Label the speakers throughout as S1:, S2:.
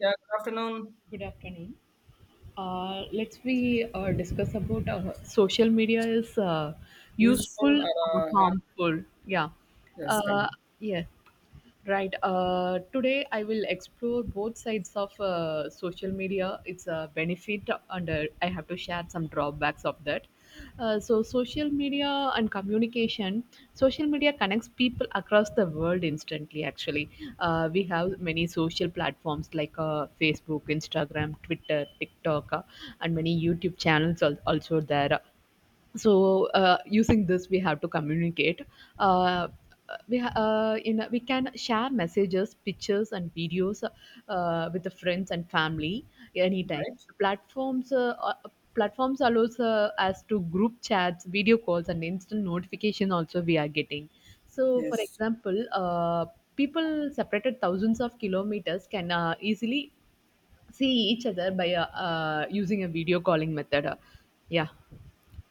S1: Yeah,
S2: Yes,
S1: good afternoon.
S2: good afternoon. Let's we discuss about social media is useful
S1: Useful or
S2: or harmful. Yeah.
S1: helpless
S2: Uh,
S1: time,
S2: yes. Right. Today, I will explore both sides of social media. It's a benefit, and I have to share some drawbacks of that. Social media and communication. Social media connects people across the world instantly. Actually, we have many social platforms like Facebook, Instagram, Twitter, TikTok, and many YouTube channels also there, so using this we have to communicate. Uh, we ha- in We can share messages, pictures and videos with the friends and family anytime.
S1: right?
S2: platforms uh, uh, Platforms allows us to group chats, video calls and instant notification also we are getting. So, for
S1: Yes,
S2: example, people separated thousands of kilometers can easily see each other by using a video calling method. Yeah,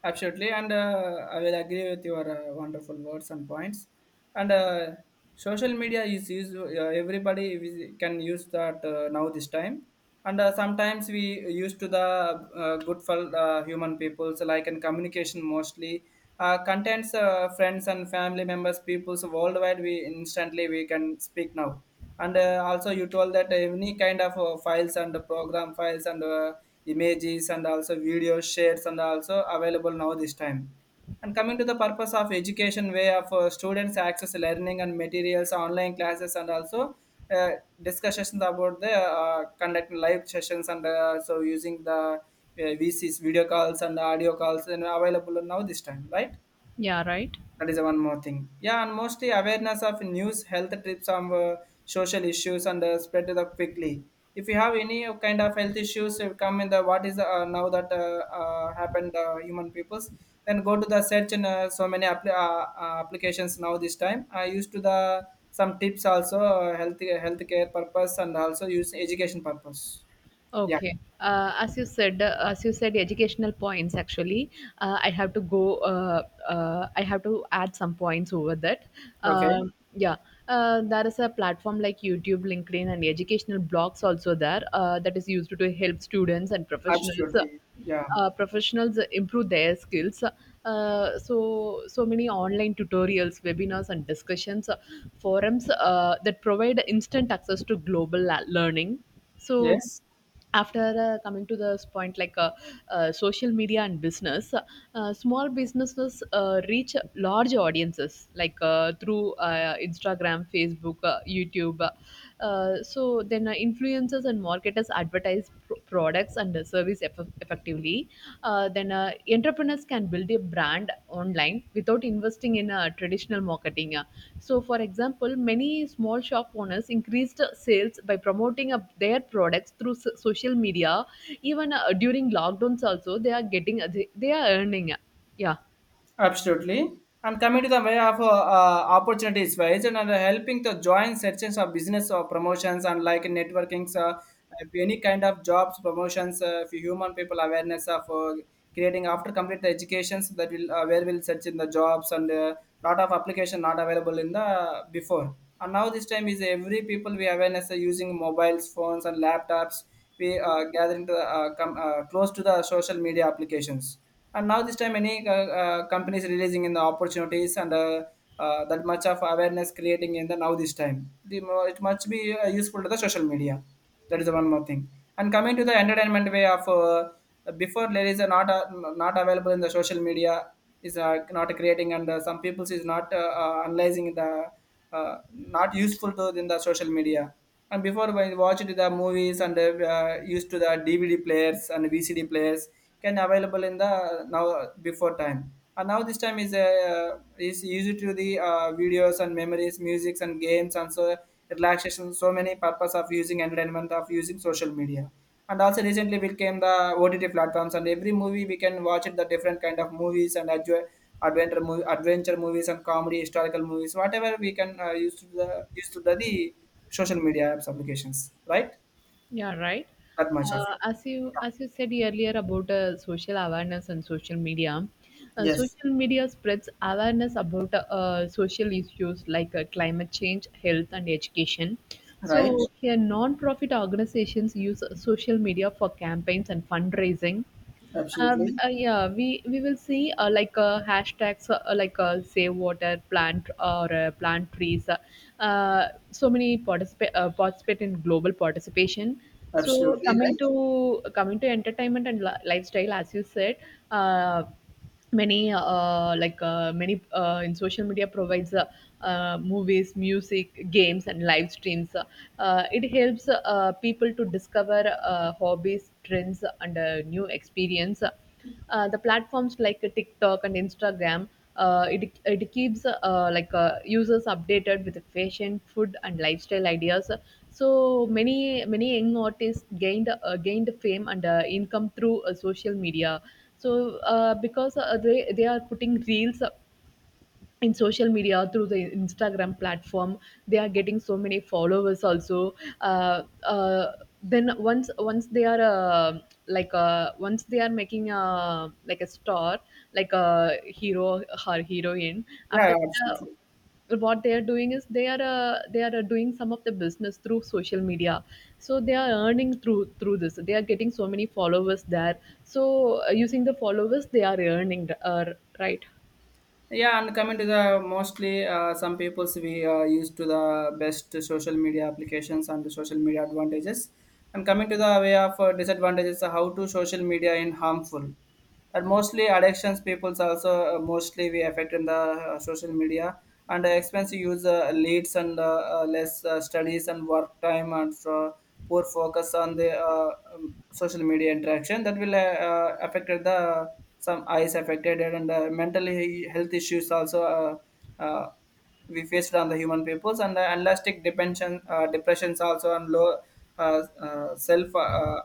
S1: absolutely. And I will agree with your wonderful words and points. And social media is used, can use that now this time. And sometimes we used to the good for human people, so like in communication mostly. Contents friends and family members, peoples worldwide. We instantly we can speak now and also you told that any kind of files and program files and images and also video shares and also available now this time and coming to the purpose of education way of students access learning and materials online classes and also uh, discussions about the conducting live sessions and so using the vcs video calls and audio calls and available now this time, right?
S2: yeah, right.
S1: That is one more thing. Yeah, and mostly awareness of news, health tips on social issues and spread it up quickly. If you have any kind of health issues, come in the what is now that happened human peoples. Then go to the search in so many applications now. This time I used to the some tips also health healthcare purpose and also use education purpose. Yeah.
S2: Okay. As you said, educational points. Actually, I have to go. I have to add some points over that.
S1: Okay.
S2: Um yeah, there is a platform like YouTube, LinkedIn, and educational blogs also there, that is used to help students and professionals.
S1: Absolutely. Yeah.
S2: Professionals improve their skills, so many online tutorials, webinars and discussions, forums that provide instant access to global learning. So
S1: Yes.
S2: after coming to this point, like social media and business. Uh, Small businesses reach large audiences like through Instagram, Facebook, YouTube. So then influencers and marketers advertise products and the service effectively. Then entrepreneurs can build a brand online without investing in traditional marketing. So, for example, many small shop owners increased sales by promoting their products through social media. Even during lockdowns, also they are getting they are earning. Uh. Yeah.
S1: Absolutely. And coming to the way of opportunities wise and helping the join sections of business or promotions and like networkings, if any kind of jobs promotions, if human people awareness of creating after complete the educations that will where will search in the jobs and lot of application not available in the before. And now this time is every people we awareness are using mobiles, phones and laptops, we gather into the, close to the social media applications, and now this time any companies releasing in the opportunities and that much of awareness creating in the now this time the, it must be useful to the social media. That is the one more thing. And coming to the entertainment way of before there is a, not available in the social media is not creating and some people is not analyzing the not useful to in the social media. And before when you watch it, the movies and used to the DVD players and VCD players can available in the now before time. And now this time is used to the videos and memories, musics and games and so relaxation. So many purpose of using entertainment of using social media, and also recently we came the OTT platforms and every movie we can watch it the different kind of movies and adventure movie, adventure movies and comedy, historical movies, whatever we can use to the the social media apps applications, right?
S2: Yeah, right.
S1: That much of
S2: Uh,
S1: it.
S2: as you as you said earlier about social awareness and
S1: Yes,
S2: social media spreads awareness about social issues like climate change, health, and education.
S1: right.
S2: So here, non-profit organizations use social media for campaigns and fundraising, uh,
S1: Absolutely.
S2: yeah, we will see hashtags, save water, plant or plant trees. So many participate, participate in global participation. So
S1: Absolutely right.
S2: coming to entertainment and lifestyle, as you said. Uh, many like many in social media provides movies, music, games and live streams. It helps people to discover hobbies, trends and new experience. The platforms like TikTok and Instagram, it keeps users updated with fashion, food and lifestyle ideas. So many young artists gained, gained fame and income through social media. So because they are putting reels up in social media through the Instagram platform, they are getting so many followers also. Uh, uh, then once they are, once they are making a like a star, like a hero, heroine. After
S1: Yeah,
S2: that,
S1: absolutely.
S2: what they are doing is they are, doing some of the business through social media. So they are earning through this they are getting so many followers there. So using the followers they are earning, right.
S1: Yeah, and coming to the mostly some people's we used to the best social media applications and the social media advantages, and coming to the way of disadvantages, how to social media in harmful, but mostly addictions people's also mostly we affect in the social media, and the expensive use leads and less studies and work time and poor focus on the social media interaction that will affected the some eyes affected and mentally health issues also we faced on the human peoples and the elastic depression depressions also and low self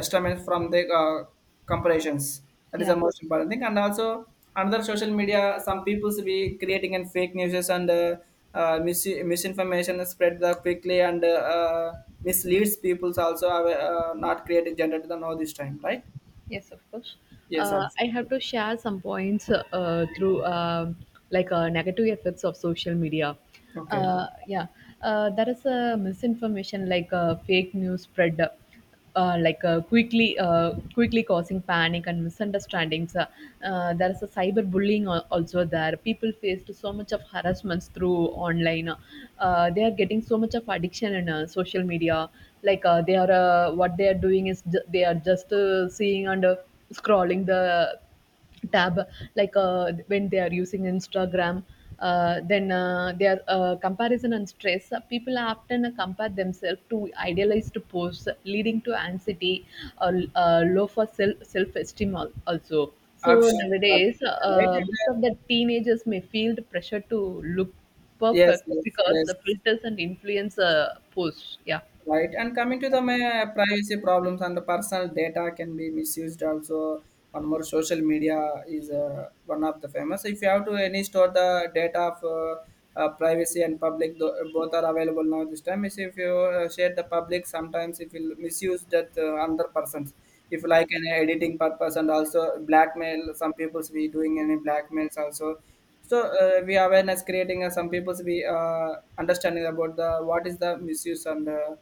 S1: estimate from the comparisons. That is
S2: Yeah.
S1: the most important thing. And also another social media, some people's be creating and fake news and misinformation spread the quickly and uh, misleads people's also have, not created generated the know this time, right?
S2: Yes, of course.
S1: Yes, sir.
S2: I have to share some points through like negative effects of social media.
S1: Okay.
S2: Uh, yeah, there is a misinformation, like fake news spread quickly, causing panic and misunderstandings. There is a cyberbullying also there. People faced so much of harassments through online. They are getting so much of addiction in social media. Like they are what they are doing is they are just seeing and scrolling the tab, like when they are using Instagram. Then their comparison and stress, people often compare themselves to idealized posts, leading to anxiety, uh, low for self, self-esteem also. So
S1: Absolutely.
S2: nowadays,
S1: Absolutely.
S2: most of
S1: Right?
S2: the teenagers may feel the pressure to look
S1: Yes,
S2: perfect
S1: yes,
S2: because the
S1: yes.
S2: filters and influencer posts. Yeah.
S1: Right, and coming to the privacy problems and the personal data can be misused also. One more social media is one of the famous. If you have to any store the data of privacy and public, both are available now this time. Is if you share the public, sometimes it will misuse that other persons. If like an editing purpose and also blackmail, some people's be doing any blackmails also, so we awareness creating some people's be understanding about the what is the misuse and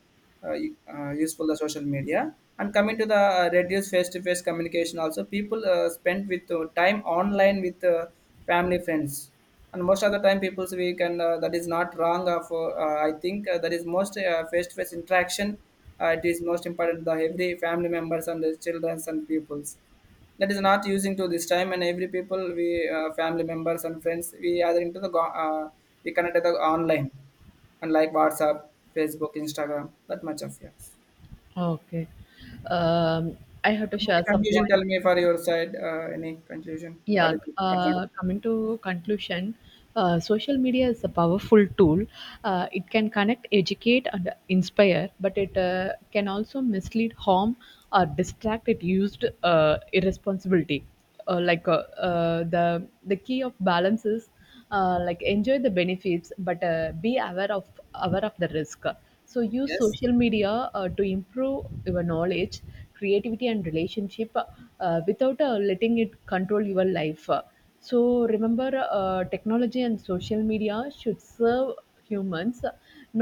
S1: useful the social media, and coming to the reduced face-to-face communication also, people spend with time online with family friends, and most of the time people we can that is not wrong of for I think that is most face-to-face interaction. It is most important the every family members and the children and peoples, that is not using to this time, and every people we family members and friends we gathering to the we connect to the online, and like whatsapp, facebook, instagram, that much of yes.
S2: Okay. Um, I have to
S1: The
S2: share some
S1: conclusion,
S2: point.
S1: tell me for your side any conclusion, what
S2: Yeah,
S1: is, what is-
S2: coming to conclusion, social media is a powerful tool. It can connect, educate, and inspire, but it can also mislead, harm, or distract. It used irresponsibility. The key of balance is, like, enjoy the benefits but be aware of, the risk. So use
S1: yes.
S2: social media to improve your knowledge, creativity and relationship, without letting it control your life. So remember, technology and social media should serve humans,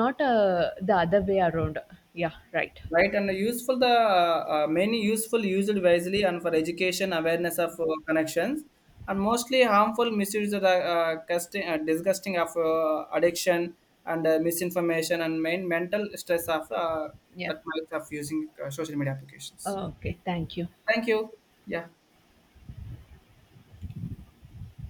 S2: not the other way around. Yeah, right.
S1: Right, and useful the many useful used wisely and for education awareness of connections, and mostly harmful misuse of the casting, disgusting of addiction and misinformation and main mental stress of
S2: Yeah.
S1: that marks of using social media applications.
S2: Okay, thank you.
S1: Thank you. Yeah.